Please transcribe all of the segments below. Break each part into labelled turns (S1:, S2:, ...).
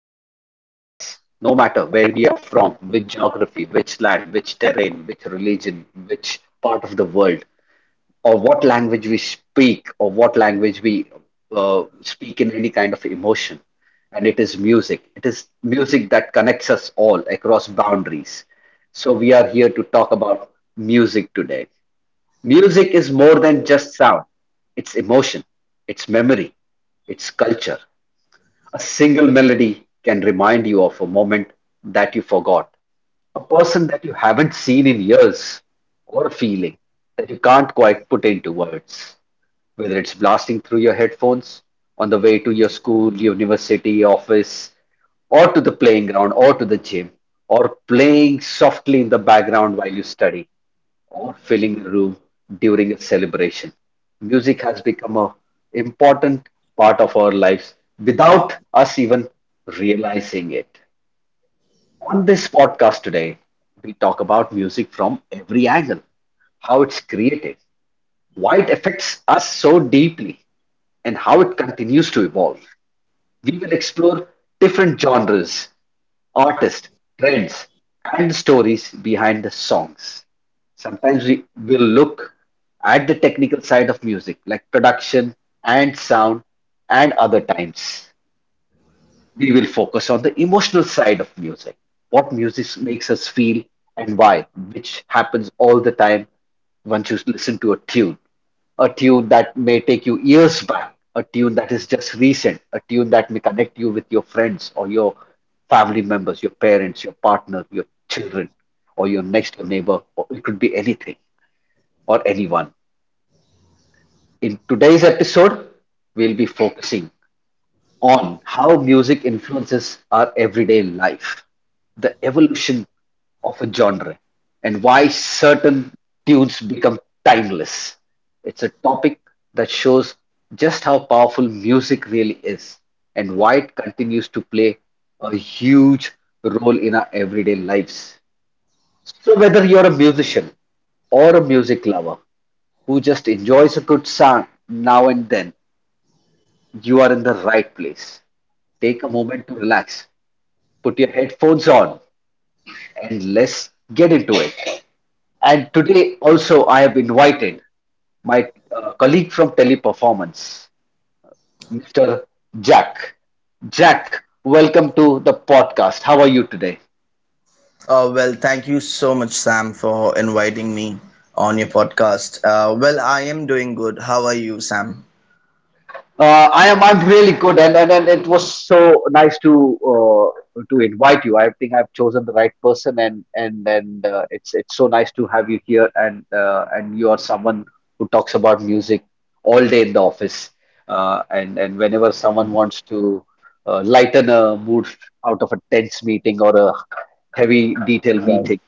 S1: connects all of us, no matter where we are from, which geography, which land, which terrain, which religion, which part of the world or what language we speak or what language we speak in any kind of emotion. And it is music. It is music that connects us all across boundaries. So we are here to talk about music today. Music is more than just sound, it's emotion, it's memory, it's culture. A single melody can remind you of a moment that you forgot, a person that you haven't seen in years, or a feeling that you can't quite put into words whether it's blasting through your headphones on the way to your school, university, office, or to the playing ground or to the gym, or playing softly in the background while you study, or filling a room during a celebration. Music has become an important part of our lives without us even realizing it. On this podcast today, we talk about music from every angle, how it's created, why it affects us so deeply, and how it continues to evolve. We will explore different genres, artists, trends, and stories behind the songs. Sometimes we will look at the technical side of music, like production and sound, and other times we will focus on the emotional side of music. What music makes us feel and why, which happens all the time once you listen to a tune. A tune that may take you years back, a tune that is just recent, a tune that may connect you with your friends or your family members, your parents, your partner, your children, or your next door neighbor, or it could be anything or anyone. In today's episode, we'll be focusing on how music influences our everyday life, the evolution of a genre, and why certain tunes become timeless. It's a topic that shows just how powerful music really is and why it continues to play a huge role in our everyday lives. So, whether you're a musician or a music lover who just enjoys a good song now and then, you are in the right place. Take a moment to relax, put your headphones on, and let's get into it. And today also I have invited my colleague from Teleperformance, Mr. Jack. Jack, welcome to the podcast. How are you today?
S2: Thank you so much, Sam, for inviting me on your podcast. I am doing good. How are you, Sam?
S1: I am. I'm really good, and, and it was so nice to invite you. I think I've chosen the right person, and and it's so nice to have you here, and you are someone who talks about music all day in the office, and whenever someone wants to lighten a mood out of a tense meeting or a heavy detail
S2: Right.
S1: meeting,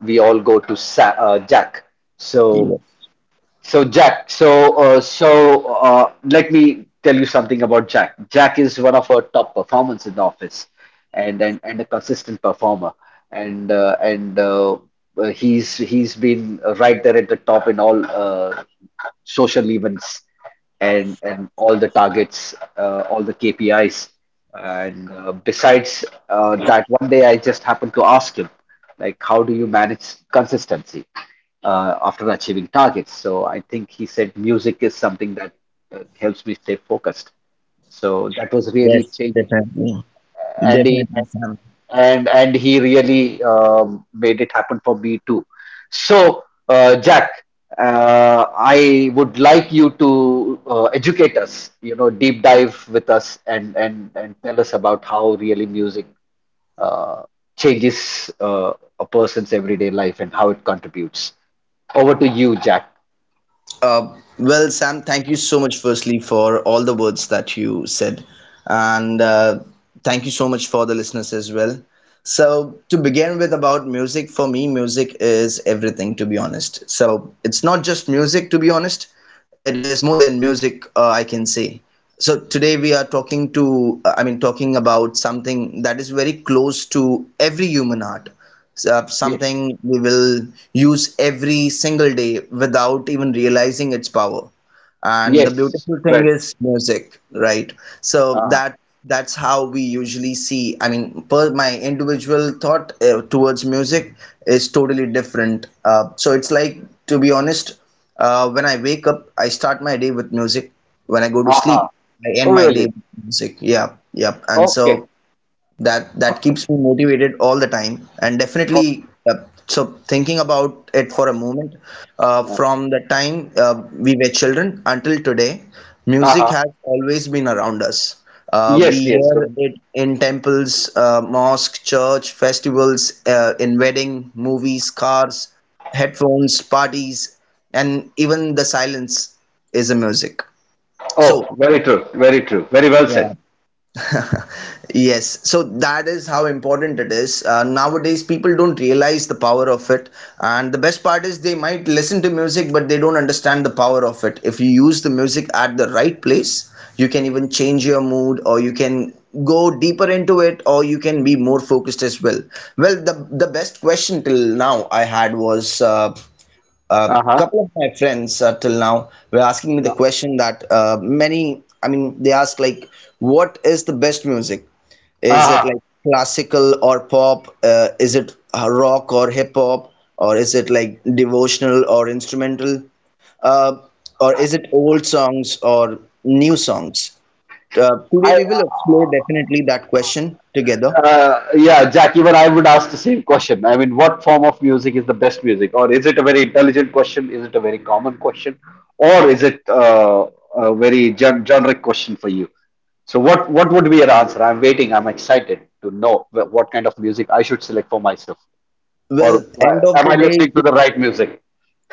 S1: we all go to Sa Jack. So.
S2: Yes,
S1: So Jack, let me tell you something about Jack. Jack is one of our top performers in the office, and and a consistent performer, and he's been right there at the top in all social events and all the targets, all the KPIs. And besides that, one day I just happened to ask him, like, how do you manage consistency after achieving targets? So I think he said music is something that helps me stay focused. So that was really
S2: yes,
S1: changing.
S2: definitely.
S1: Andy,
S2: Definitely, Sam.
S1: and he really made it happen for me too. So, Jack, I would like you to educate us, you know, deep dive with us and and tell us about how really music uh, changes a person's everyday life and how it contributes. Over to you, Jack.
S2: Sam, thank you so much, firstly, for all the words that you said. And Thank you so much for the listeners as well. So, to begin with, about music, for me, music is everything, to be honest. So, it's not just music, to be honest, it is more than music, I can say. So, today we are talking to, I mean, talking about something that is very close to every human heart, so,
S1: Yes,
S2: something we will use every single day without even realizing its power. And the
S1: yes,
S2: beautiful
S1: well,
S2: thing is music, right? So
S1: uh-huh.
S2: that that's how we usually see. I mean, per my individual thought towards music is totally different. So it's like, to be honest, when I wake up, I start my day with music. When I go to
S1: Uh-huh.
S2: sleep, I
S1: Oh,
S2: end my day
S1: really?
S2: with music. Yeah, yeah. And
S1: Okay,
S2: so that that
S1: okay,
S2: keeps me motivated all the time, and
S1: okay.
S2: definitely uh, so thinking about it for a moment, from the time we were children until today, music
S1: Uh-huh.
S2: has always been around us. We
S1: Yes, yes.
S2: hear it in temples, mosque, church, festivals, in wedding, movies, cars, headphones, parties, and even the silence is a music.
S1: Oh,
S2: So,
S1: very true. Very true. Very well said.
S2: yeah. Yes, so that is how important it is. Nowadays, people don't realize the power of it. And the best part is they might listen to music, but they don't understand the power of it. If you use the music at the right place, you can even change your mood, or you can go deeper into it, or you can be more focused as well. Well, the best question till now I had was, a
S1: Uh-huh.
S2: couple of my friends till now were asking me the question that they ask, like, what is the best music? Is
S1: Uh-huh.
S2: it like classical or pop? Is it rock or hip hop? Or is it like devotional or instrumental? Uh, or is it old songs or new songs? Today
S1: I,
S2: we will explore definitely that question together.
S1: yeah, Jack, even I would ask the same question. I mean, what form of music is the best music? Or is it a very intelligent question? Is it a very common question? Or is it a generic question for you? So what would be your answer? I'm waiting. I'm excited to know what kind of music I should select for myself. Or
S2: Well, end of
S1: am
S2: the
S1: I listening to
S2: day,
S1: the right music?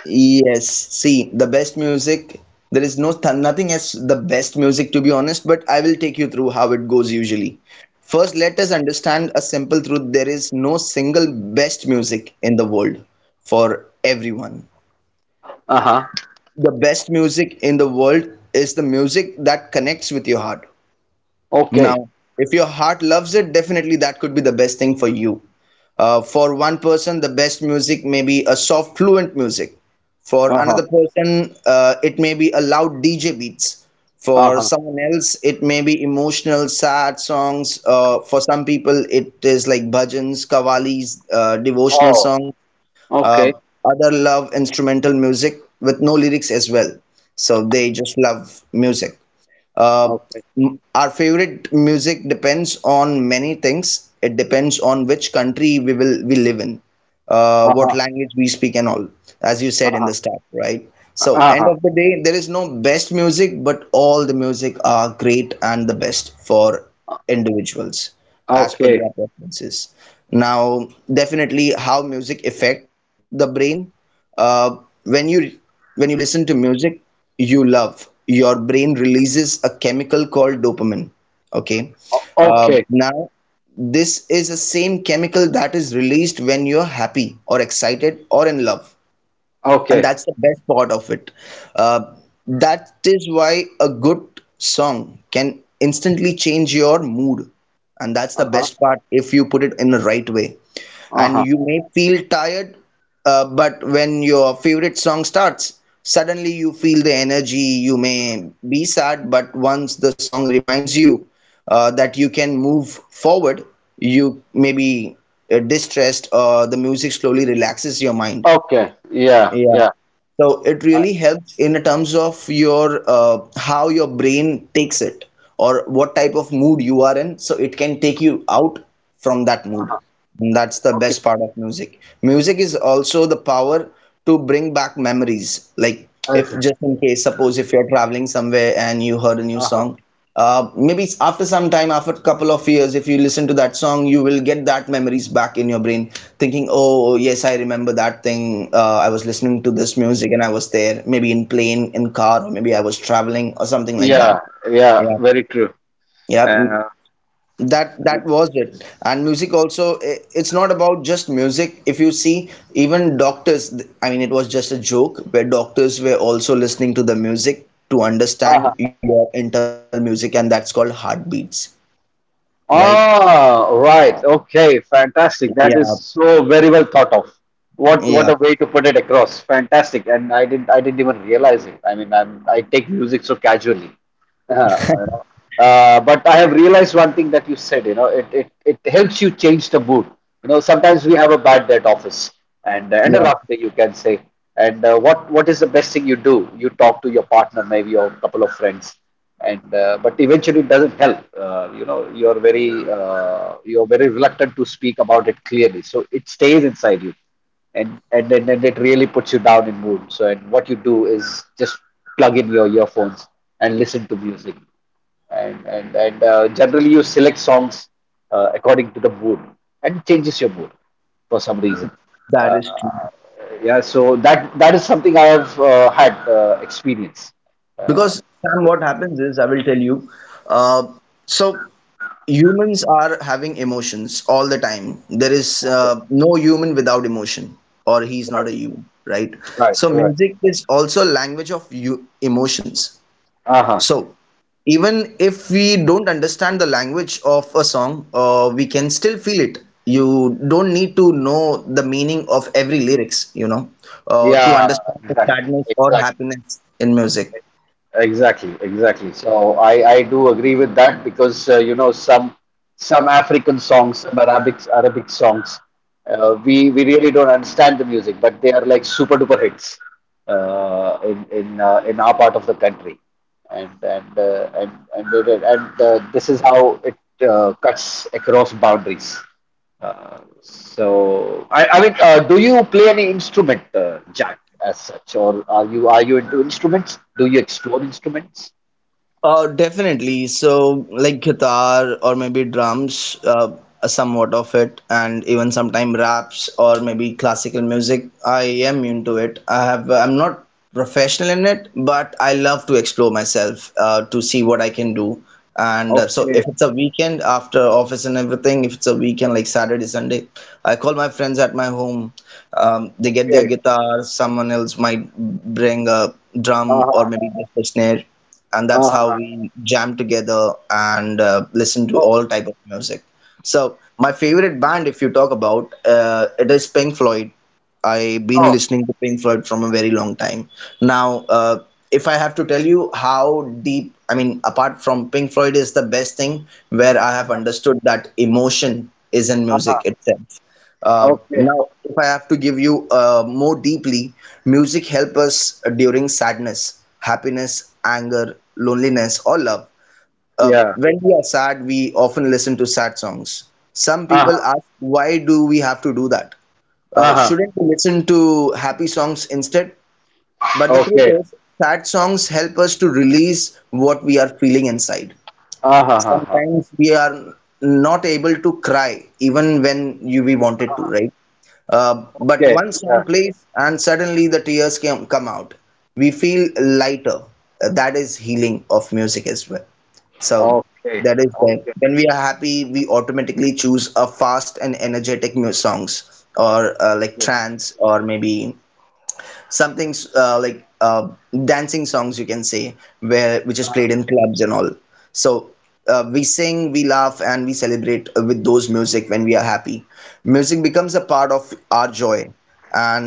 S2: yes, see, the best music, there is no th nothing as the best music, to be honest, but I will take you through how it goes usually. First, let us understand a simple truth. There is no single best music in the world for everyone.
S1: Uh-huh.
S2: The best music in the world is the music that connects with your heart.
S1: Okay.
S2: Now, if your heart loves it, definitely that could be the best thing for you. For one person, the best music may be a soft, fluent music. For
S1: Uh-huh.
S2: another person, it may be a loud DJ beats. For
S1: Uh-huh.
S2: someone else, it may be emotional, sad songs. For some people, it is like bhajans, kavalis, devotional
S1: Oh,
S2: songs, uh,
S1: okay.
S2: other love instrumental music with no lyrics as well. So they just love music. uh,
S1: Okay.
S2: our favorite music depends on many things. It depends on which country we live in, what
S1: Uh-huh.
S2: language we speak, and all, as you said in
S1: Uh-huh.
S2: the start, right? So, end
S1: Uh-huh.
S2: of the day, there is no best music, but all the music are great and the best for individuals as per
S1: Okay.
S2: their preferences. Now, definitely, how music affect the brain, uh, when you when you listen to music you love, your brain releases a chemical called dopamine. Okay.
S1: Okay.
S2: Now, this is the same chemical that is released when you're happy or excited or in love, and
S1: Okay.
S2: that's the best part of it. Uh, that is why a good song can instantly change your mood, and that's the
S1: Uh-huh.
S2: best part if you put it in the right way. And
S1: Uh-huh.
S2: you may feel tired, but when your favorite song starts, suddenly you feel the energy. You may be sad, but once the song reminds you that you can move forward, you may be distressed, or the music slowly relaxes your mind,
S1: Okay. Yeah.
S2: yeah.
S1: Yeah.
S2: So it
S1: I,
S2: really helps in terms of your how your brain takes it or what type of mood you are in. So it can take you out from that mood. And that's the
S1: okay.
S2: best part of music. Music is also the power to bring back memories. Like, if
S1: Okay.
S2: just in case, suppose if you're traveling somewhere and you heard a new
S1: Uh-huh.
S2: song, maybe it's after some time, after a couple of years, if you listen to that song, you will get that memories back in your brain, thinking, oh yes, I remember that thing. I was listening to this music and I was there, maybe in plane, in car, or maybe I was traveling, or something like
S1: Yeah.
S2: that.
S1: Yeah.
S2: Yeah,
S1: Very true.
S2: yeah,
S1: Uh,
S2: that was it. And music also, it's not about just music. If you see, even doctors, I mean, it was just a joke, where doctors were also listening to the music to
S1: uh-huh.
S2: understand your internal music, and that's called heartbeats, right?
S1: Ah, right. Okay. Fantastic. That
S2: Yeah,
S1: is so very well thought of. What
S2: yeah,
S1: a way to put it across. Fantastic. And I didn't even realize it. I mean, I take music so casually. You know. But I have realized one thing that you said, you know, it helps you change the mood. You know, sometimes we have a bad day at office and a
S2: yeah,
S1: rough day, you can say. And what is the best thing you do? You talk to your partner, maybe, or a couple of friends. And but eventually it doesn't help. You know, you're very reluctant to speak about it clearly, so it stays inside you and then and it really puts you down in mood. So and what you do is just plug in your earphones and listen to music. And generally you select songs according to the mood and it changes your mood for some reason.
S2: that
S1: Uh,
S2: is true.
S1: yeah, so that is something I have had experience. Uh,
S2: Because, Sam,
S1: so-
S2: what happens is, I will tell you, uh, so humans are having emotions all the time. There is
S1: okay,
S2: no human without emotion, or he's not
S1: right,
S2: a human, right?
S1: right,
S2: So
S1: right.
S2: music is also a language of you emotions.
S1: Uh huh.
S2: So, even if we don't understand the language of a song, we can still feel it. You don't need to know the meaning of every lyrics, you know, to
S1: Yeah,
S2: understand the
S1: exactly,
S2: sadness or
S1: exactly.
S2: happiness in music.
S1: Exactly, exactly. So I do agree with that because you know some African songs, some Arabic songs, we really don't understand the music, but they are like super duper hits in our part of the country, and this is how it cuts across boundaries. So I mean, do you play any instrument, Jack, as such, or are you into instruments? Do you explore instruments?
S2: Definitely. So, like guitar or maybe drums, somewhat of it, and even sometimes raps or maybe classical music. I am into it. I have. I'm not professional in it, but I love to explore myself to see what I can do. And so,
S1: Okay,
S2: if it's a weekend after office and everything, if it's a weekend like Saturday, Sunday, I call my friends at my home. They get their
S1: okay.
S2: guitar. Someone else might bring a drum or
S1: Uh-huh.
S2: maybe just a snare, and that's how
S1: Uh-huh.
S2: we jam together and listen to
S1: Oh,
S2: all type of music. So my favorite band, if you talk about, it is Pink Floyd. I've been
S1: oh,
S2: listening to Pink Floyd from a very long time. Now, uh, if I have to tell you how deep, I mean, apart from Pink Floyd is the best thing, where I have understood that emotion is in music itself.
S1: okay.
S2: Now, if I have to give you more deeply, music helps us during sadness, happiness, anger, loneliness, or love.
S1: Yeah.
S2: When we are sad, we often listen to sad songs. Some people
S1: Uh-huh.
S2: ask, why do we have to do that?
S1: Uh-huh.
S2: Shouldn't we listen to happy songs instead? But the truth
S1: Okay.
S2: is, sad songs help us to release what we are feeling inside.
S1: Uh-huh. Uh-huh.
S2: Sometimes we are not able to cry even when we wanted to, right? But
S1: Okay.
S2: one
S1: Yeah.
S2: song plays, and suddenly the come out. We feel lighter. That is healing of music as well. So
S1: Okay.
S2: that is there.
S1: Okay.
S2: When we are happy, we automatically choose a fast and energetic mu songs, or like
S1: Okay.
S2: trance, or maybe something like dancing songs, you can say, where which is played in clubs and all. So, we sing, we laugh, and we celebrate with those music when we are happy. Music becomes a part of our joy.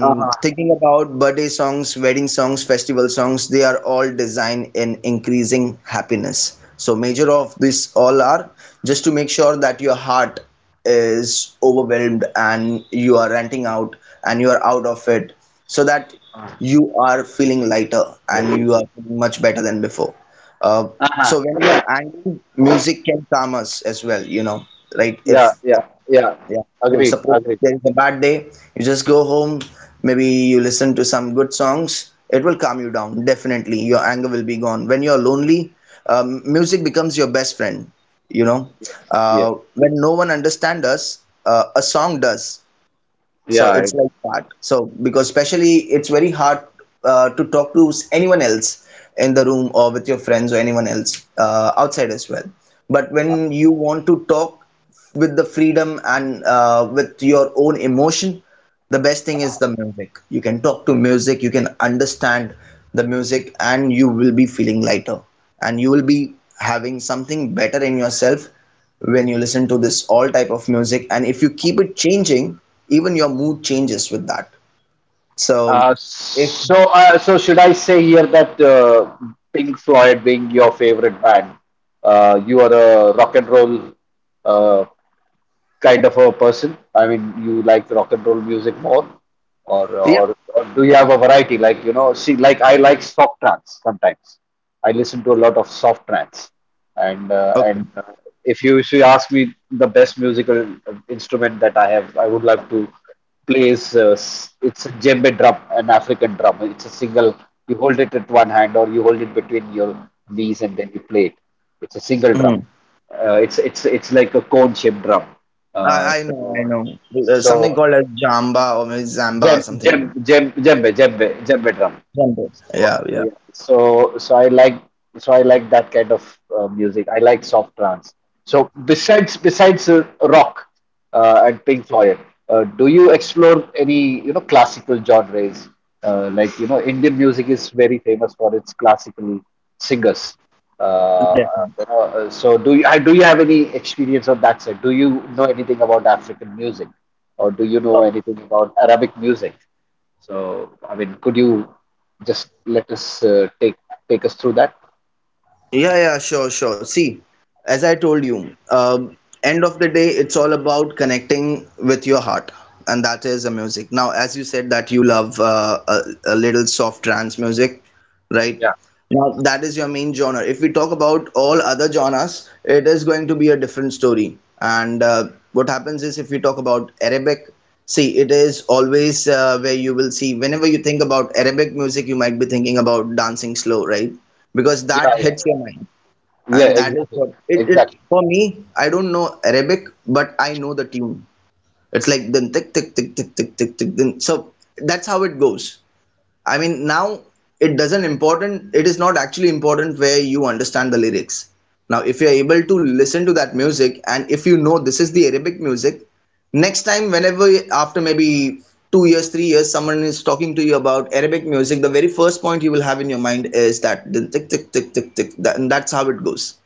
S1: Uh-huh.
S2: thinking about birthday songs, wedding songs, festival songs, they are all designed in increasing happiness. So major of this all are just to make sure that your heart is overwhelmed, and you are ranting out, and you are out of it, so that you are feeling lighter and you are feeling much better than before. Uh,
S1: Uh-huh.
S2: so when we are angry, music can calm us as well, you know, right? If
S1: Yeah, yeah, yeah.
S2: yeah. So
S1: Agreed,
S2: suppose
S1: agreed.
S2: there is a bad day, you just go home, maybe you listen to some good songs. It will calm you down. Definitely, your anger will be gone. When you're lonely, music becomes your best friend. You know,
S1: Yeah.
S2: when no one understands us, a song does. So
S1: Yeah.
S2: it's like that. So because especially it's very hard to talk to anyone else in the room or with your friends or anyone else outside as well. But when you want to talk with the freedom and with your own emotion, the best thing is the music. You can talk to music, you can understand the music, and you will be feeling lighter, and you will be having something better in yourself when you listen to this all type of music, and if you keep it changing, even your mood changes with that. So if
S1: So should I say here that Pink Floyd being your favorite band, you are a rock and roll uh, kind of a person? I mean, you like rock and roll music more? Or
S2: yeah,
S1: or do you have a variety? Like, you know, see, like, I like soft trance sometimes. I listen to a lot of soft trance, and
S2: okay.
S1: if you ask me the best musical instrument that I have I would like to play is it's a djembe drum, an African drum. It's a single, you hold it at one hand or you hold it between your knees and then you play it. It's a single drum,
S2: Mhm.
S1: it's like a cone shaped drum. uh,
S2: I, I
S1: so
S2: know I know There's
S1: so
S2: something called as jamba or maybe zamba or
S1: Jeb,
S2: something.
S1: Jeb, Jeb, Jebbe, Jebbe, Jebbe drum.
S2: Jambo.
S1: So,
S2: Yeah, yeah.
S1: yeah. So, I like, so I like that kind of music. I like soft trance. So, besides, besides rock and Pink Floyd, do you explore any, you know, classical genres? Like, you know, Indian music is very famous for its classical singers. Uh,
S2: Yeah.
S1: so do you have any experience on that side? Do you know anything about African music? Or do you know
S2: Oh,
S1: anything about Arabic music? So, I mean, could you just let us take us through that?
S2: yeah, yeah, sure, sure. See, as I told you, end of the day it's all about connecting with your heart, and that is the music. Now, as you said that you love a little soft trance music, right?
S1: Yeah,
S2: Now, that is your main genre. If we talk about all other genres, it is going to be a different story. And what happens is, if we talk about Arabic, see, it is always where you will see, whenever you think about Arabic music, you might be thinking about dancing slow, right? Because
S1: yeah,
S2: that
S1: yeah.
S2: hits your mind.
S1: Yeah,
S2: And that is
S1: exactly,
S2: what it
S1: exactly.
S2: for me, I don't know Arabic, but I know the tune. It's like then tick tick tick tick tick tick tick. Then. So that's how it goes. I mean, now it doesn't important. It is not actually important where you understand the lyrics. Now, if you are able to listen to that music, and if you know this is the Arabic music, next time, whenever after maybe 2 years, 3 years, someone is talking to you about Arabic music, the very first point you will have in your mind is that the tick tick tick tick tick, that, and that's how it goes.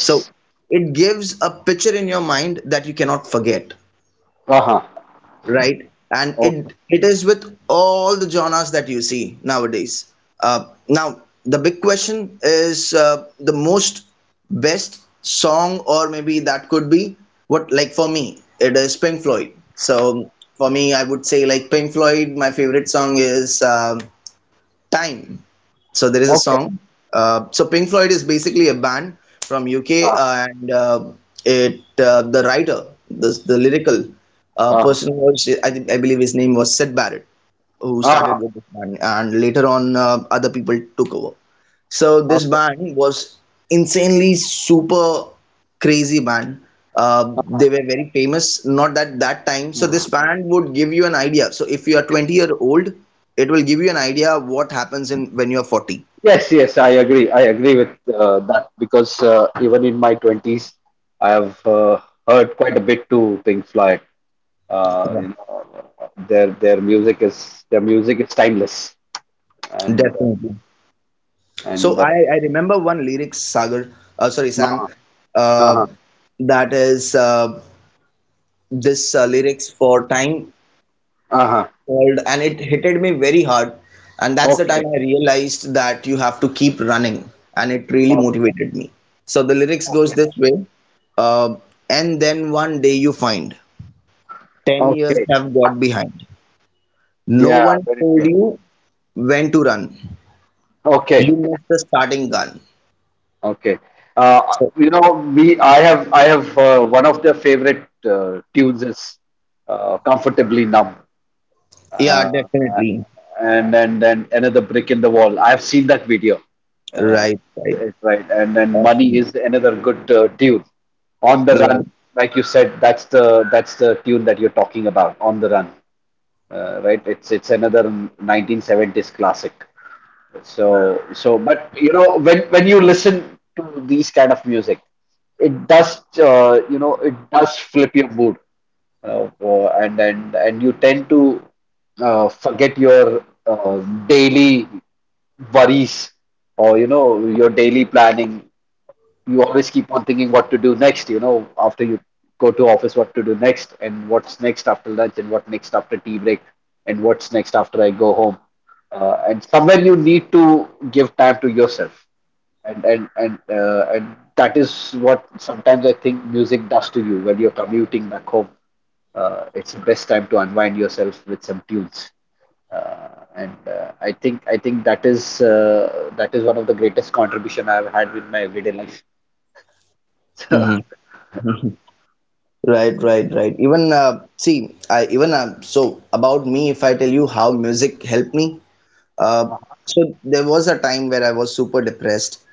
S2: So it gives a picture in your mind that you cannot forget,
S1: Uh-huh.
S2: right? And
S1: Okay.
S2: it is with all the genres that you see nowadays. Now the big question is, the most best song or maybe that could be, what, like for me it is Pink Floyd. So for me I would say like Pink Floyd. My favorite song is Time. So there is a
S1: Okay.
S2: song. So Pink Floyd is basically a band from UK,
S1: Uh-huh.
S2: and it the writer, the lyrical
S1: Uh-huh.
S2: person was, I believe his name was Syd Barrett, who
S1: Uh-huh.
S2: started with this band, and later on other people took over. So this
S1: Okay.
S2: band was insanely super crazy band. They were very famous, not that time. So
S1: Uh-huh.
S2: this band would give you an idea. So if you are 20-year-old, it will give you an idea of what happens in when you are 40.
S1: Yes, yes, I agree. I agree with that because even in my 20s, I have heard quite a bit to Pink Floyd.
S2: Yeah.
S1: You know, their music is timeless, and
S2: Definitely. So
S1: and uh,
S2: I remember one lyrics, Sagar, sorry,
S1: uh-huh.
S2: Sam,
S1: Uh-huh.
S2: uh, that is this lyrics for time.
S1: Uh-huh.
S2: World, and it hitted me very hard, and that's the time
S1: Okay.
S2: I realized that you have to keep running, and it really motivated me. So the lyrics goes this way: uh, and then one day you find 10 years
S1: Okay.
S2: have got behind, no
S1: Yeah,
S2: one
S1: very
S2: told
S1: true.
S2: you when to run,
S1: Okay.
S2: you missed the starting gun.
S1: Okay.
S2: So
S1: You know, we I have one of the favorite tunes is Comfortably Numb.
S2: yeah,
S1: Uh,
S2: definitely.
S1: and then Another Brick in the Wall. I have seen that video. Uh,
S2: Right, right.
S1: it's right. And then Money
S2: Awesome.
S1: is another good tune. On the
S2: Right.
S1: Run, like you said, that's the tune that you're talking about, On the Run. Right? It's another 1970s classic. But when you listen to these kind of music, it does it does flip your mood, and you tend to forget your daily worries or your daily planning. You always keep on thinking what to do next, you know, after you go to office, what to do next, and what's next after lunch, and what next after tea break, and what's next after I go home. And somewhere you need to give time to yourself, and that is what sometimes I think music does to you when you're commuting back home. It's the best time to unwind yourself with some tunes and I think that is one of the greatest contribution I've had with my everyday life.
S2: Hmm. Right, right, right. Even see, I even so about me. If I tell you how music helped me, uh, so there was a time where I was super depressed,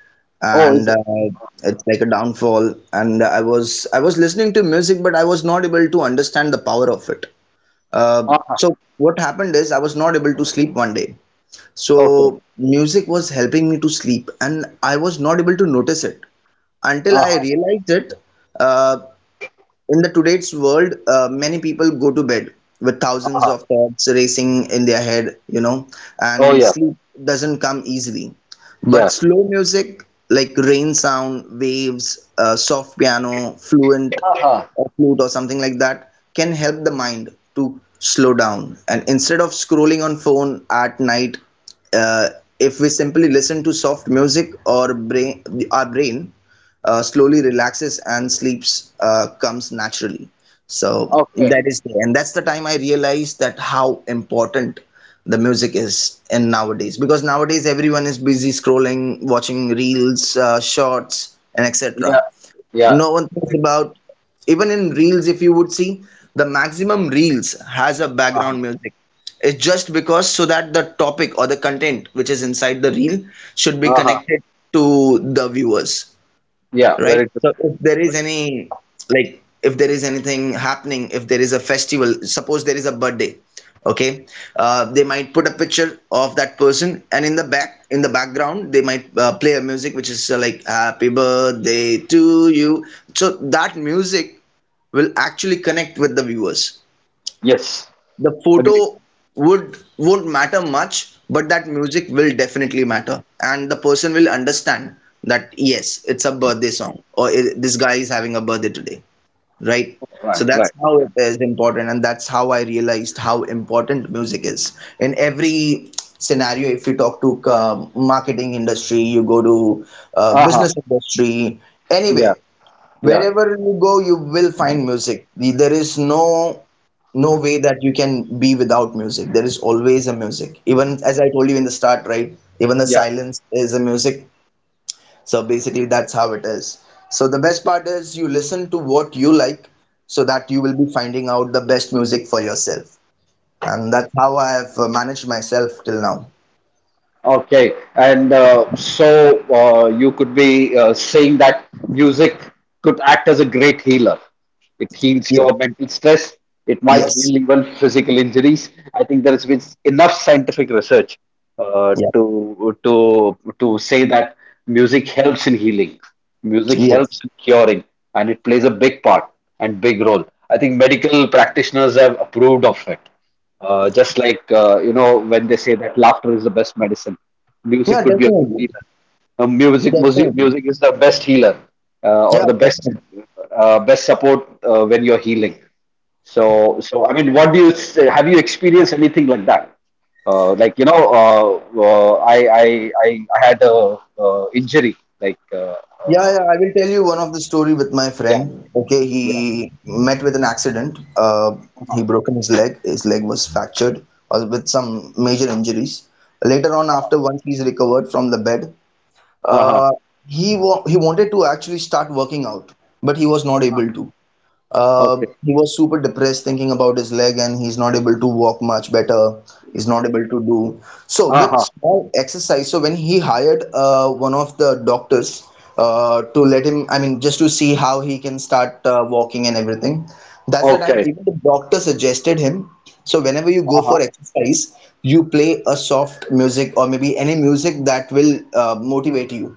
S1: Oh, is
S2: and
S1: it?
S2: it's like a downfall. And I was listening to music, but I was not able to understand the power of it.
S1: Uh-huh.
S2: So what happened is I was not able to sleep one day.
S1: Okay.
S2: So music was helping me to sleep, and I was not able to notice it until I
S1: Uh-huh.
S2: realized it. Uh, in the today's world, many people go to bed with thousands
S1: Uh-huh.
S2: of thoughts racing in their head,
S1: Oh,
S2: and
S1: yeah.
S2: sleep doesn't come easily. But
S1: Yeah.
S2: slow music, like rain sound waves, soft piano fluent
S1: Uh-huh.
S2: or flute or something like that, can help the mind to slow down. And instead of scrolling on phone at night, uh, if we simply listen to soft music, or brain our brain slowly relaxes and sleeps comes naturally. So
S1: Okay.
S2: that is there, and that's the time I realized that how important the music is in nowadays, because nowadays everyone is busy scrolling, watching reels, shorts and
S1: Yeah.
S2: etc.
S1: Yeah.
S2: No one thinks
S1: Very-
S2: about, even in reels, if you would see, the maximum reels has a
S1: Uh-huh.
S2: background music. It's just because so that the topic or the content which is inside the reel should be
S1: Uh-huh.
S2: connected to the viewers,
S1: Yeah.
S2: right?
S1: Very good.
S2: So if there is any, like if there is anything happening, if there is a festival, suppose there is a birthday, okay? They might put a picture of that person, and in the background they might play a music which is like "Happy Birthday to You." So that music will actually connect with the viewers.
S1: Yes.
S2: The
S1: Agree.
S2: photo would won't matter much, but that music will definitely matter, and the person will understand that yes, it's a birthday song, or I this guy is having a birthday today, right?
S1: Right.
S2: So
S1: Right.
S2: that's how it is important, and that's how I realized how important music is in every scenario. If you talk to marketing industry, you go to
S1: Uh-huh.
S2: business industry,
S1: Yeah.
S2: anyway,
S1: Yeah.
S2: wherever you go, you will find music. There is no way that you can be without music. There is always a music. Even as I told you in the start, right, even the
S1: Yeah.
S2: silence is a music. So basically that's how it is. So the best part is you listen to what you like, so that you will be finding out the best music for yourself. And that's how I have managed myself till now.
S1: Okay, and so you could be saying that music could act as a great healer. It heals
S2: Yep.
S1: your mental stress. It might
S2: Yes.
S1: heal even physical injuries. I think there has been enough scientific research uh,
S2: Yeah.
S1: to to to say that music helps in healing. Music helps
S2: Yes.
S1: in curing, and it plays a big part and big role. I think medical practitioners have approved of it. Just like when they say that laughter is the best medicine, music
S2: Yeah,
S1: could be a good
S2: definitely.
S1: healer. Uh, music, music,
S2: Definitely.
S1: music is the best healer or
S2: Yeah,
S1: the best
S2: definitely.
S1: best support when you're healing. I mean, what do have you experienced anything like that? Like you know, uh, uh, I, I I I had a injury. Like uh,
S2: Yeah,
S1: uh,
S2: yeah, I will tell you one of the story with my
S1: yeah,
S2: friend. Okay, he
S1: yeah.
S2: met with an accident. He broken his leg. His leg was fractured or with some major injuries. Later on, after once he's recovered from the bed,
S1: Uh huh.
S2: uh, he wanted to actually start working out, but he was not able to.
S1: Okay.
S2: He was super depressed thinking about his leg and he's not able to walk much better. He's not able to do. So
S1: Uh
S2: with
S1: huh.
S2: small exercise, so when he hired one of the doctors to let him, I mean, just to see how he can start walking and everything, that's the time
S1: Okay.
S2: even the doctor suggested him. So whenever you
S1: Uh
S2: go
S1: huh.
S2: for exercise, you play a soft music or maybe any music that will motivate you.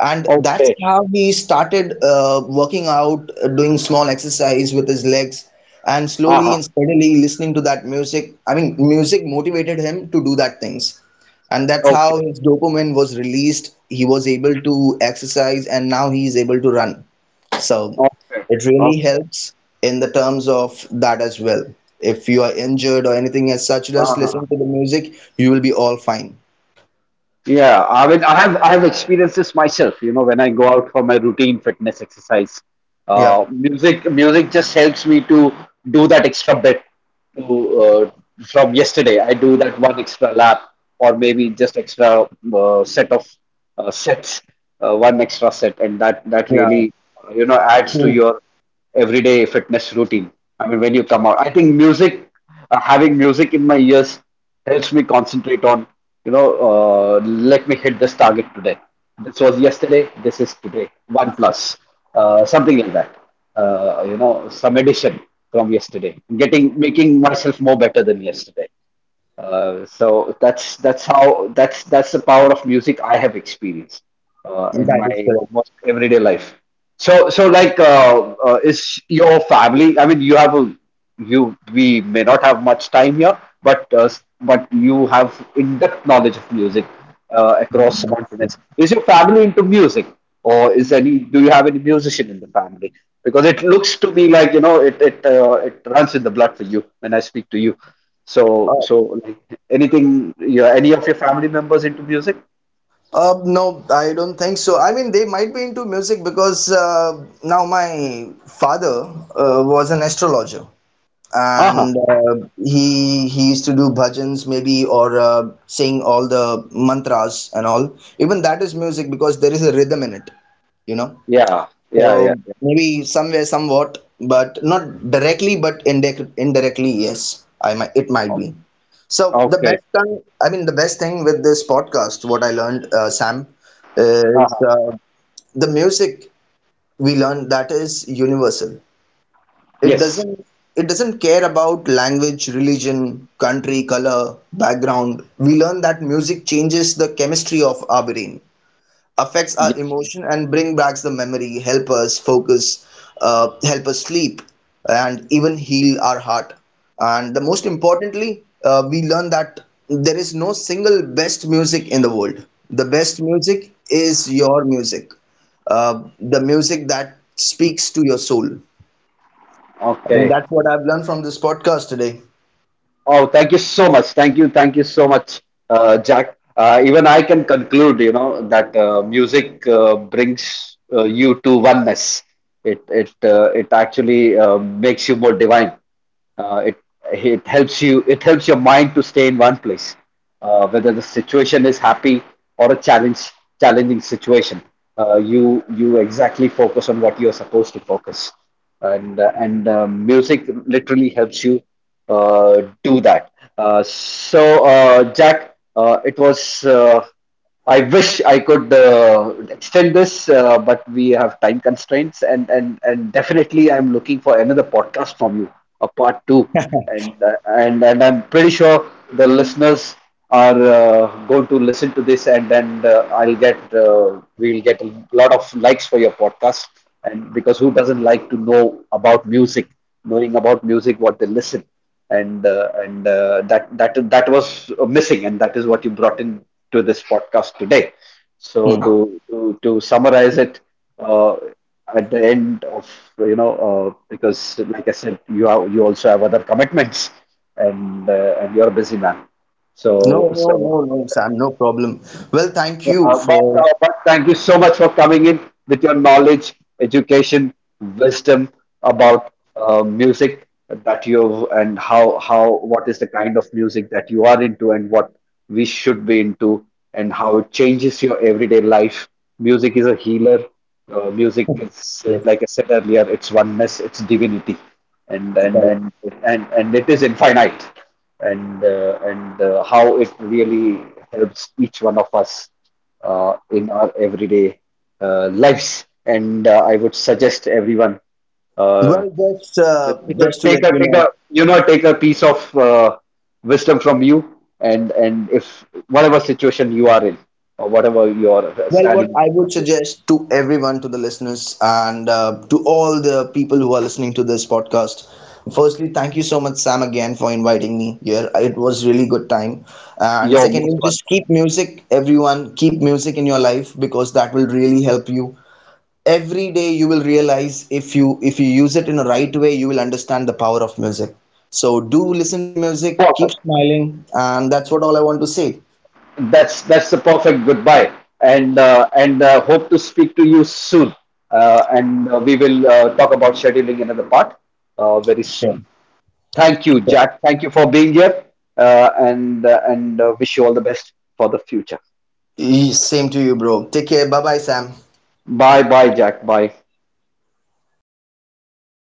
S2: And that's
S1: Okay.
S2: how he started working out, doing small exercise with his legs, and
S1: Uh
S2: slowly
S1: huh.
S2: and steadily listening to that music, I mean, music motivated him to do that things. And that's
S1: Okay.
S2: how his dopamine was released. He was able to exercise, and now he is able to run. So
S1: Okay.
S2: it really
S1: Okay.
S2: helps in the terms of that as well. If you are injured or anything as such, just listen
S1: Uh-huh.
S2: to the music, you will be all fine.
S1: Yeah, I mean, I have experienced this myself. You know, when I go out for my routine fitness exercise, uh,
S2: Yep.
S1: music music just helps me to do that extra bit to from yesterday. I do that one extra lap, or maybe just extra uh, set of uh, sets, one extra set, and that
S2: Yeah.
S1: really adds to
S2: Mhm.
S1: your everyday fitness routine. I mean, when you come out, I think music, having music in my ears helps me concentrate on, you know, let me hit this target today. This was yesterday, this is today. One plus, something like that. Some addition from yesterday, getting making myself more better than yesterday. So that's how that's the power of music I have experienced in
S2: That
S1: my
S2: is correct.
S1: almost everyday life. Is your family? I mean, you have a you we may not have much time here, but but you have in-depth knowledge of music across continents. Is your family into music, or is any do you have any musician in the family? Because it looks to me like it runs in the blood for you when I speak to you. So, so like anything, yeah, any of your family members into music?
S2: No, I don't think so. I mean, they might be into music because, now my father was an astrologer,
S1: Uh-huh.
S2: and he used to do bhajans maybe, or sing all the mantras and all. Even that is music because there is a rhythm in it, you know.
S1: Yeah, yeah, yeah.
S2: So
S1: Yeah.
S2: maybe somewhere, somewhat, but not directly, but indirectly, yes, I might, it might
S1: O-
S2: be. So the
S1: Okay.
S2: best thing, I mean, the best thing with this podcast, what I learned, Sam, is
S1: Uh-huh.
S2: the music we learn that is universal. It
S1: Yes,
S2: doesn't, it doesn't care about language, religion, country, color, background. We learn that music changes the chemistry of our brain, affects our
S1: yes.
S2: emotion, and bring back the memory, help us focus, help us sleep, and even heal our heart. And the most importantly, we learn that there is no single best music in the world. The best music is your music, the music that speaks to your soul. I
S1: Okay.
S2: think that's what I've learned from this podcast today.
S1: Oh, thank you so much. Thank you so much, Jack. Even I can conclude, you know, that music brings you to oneness. It actually makes you more divine. uh, it it helps you. It helps your mind to stay in one place whether the situation is happy or a challenge challenging situation you exactly focus on what you're supposed to focus and music literally helps you do that Jack, it was I wish I could extend this, but we have time constraints, and definitely I'm looking for another podcast from you, a part two, and I'm pretty sure the listeners are going to listen to this, and then I'll get we'll get a lot of likes for your podcast, and because who doesn't like to know about music, knowing about music, what they listen and that was missing, and that is what you brought in to this podcast today. So
S2: Hmm.
S1: to summarize it uh, at the end of, you know, because like I said, you also have other commitments, and you're a busy man.
S2: No,
S1: So
S2: no,
S1: so.
S2: no, no, Sam, no problem. Well, thank you
S1: Uh,
S2: for
S1: but thank you so much for coming in with your knowledge, education, wisdom about music that you, and how what is the kind of music that you are into and what we should be into and how it changes your everyday life. Music is a healer. Music is,
S2: yes.
S1: like I said earlier, it's oneness, it's divinity, and and and and it is infinite and how it really helps each one of us in our everyday lives. And I would suggest everyone
S2: Well,
S1: uh,
S2: just to let you
S1: take a,
S2: know,
S1: you know, take a piece of wisdom from you, and if whatever situation you are in or whatever you are
S2: well, what
S1: standing in
S2: I
S1: front of
S2: would
S1: you,
S2: suggest to everyone, to the listeners, and to all the people who are listening to this podcast, firstly, thank you so much, Sam, again for inviting me here. It was really good time. And
S1: you're most
S2: secondly,
S1: welcome.
S2: just keep music, everyone, keep music in your life because that will really help you. Every day, you will realize, if you use it in a right way, you will understand the power of music. So do listen to music, keep
S1: Perfect.
S2: smiling, and that's what all I want to say.
S1: That's the perfect goodbye and hope to speak to you soon and we will talk about scheduling another part very
S2: Sure.
S1: soon. Thank you, Jack, thank you for being here and wish you all the best for the future.
S2: Yeah, same to you, bro. Take care. Bye bye, Sam.
S1: Bye bye, Jack, bye.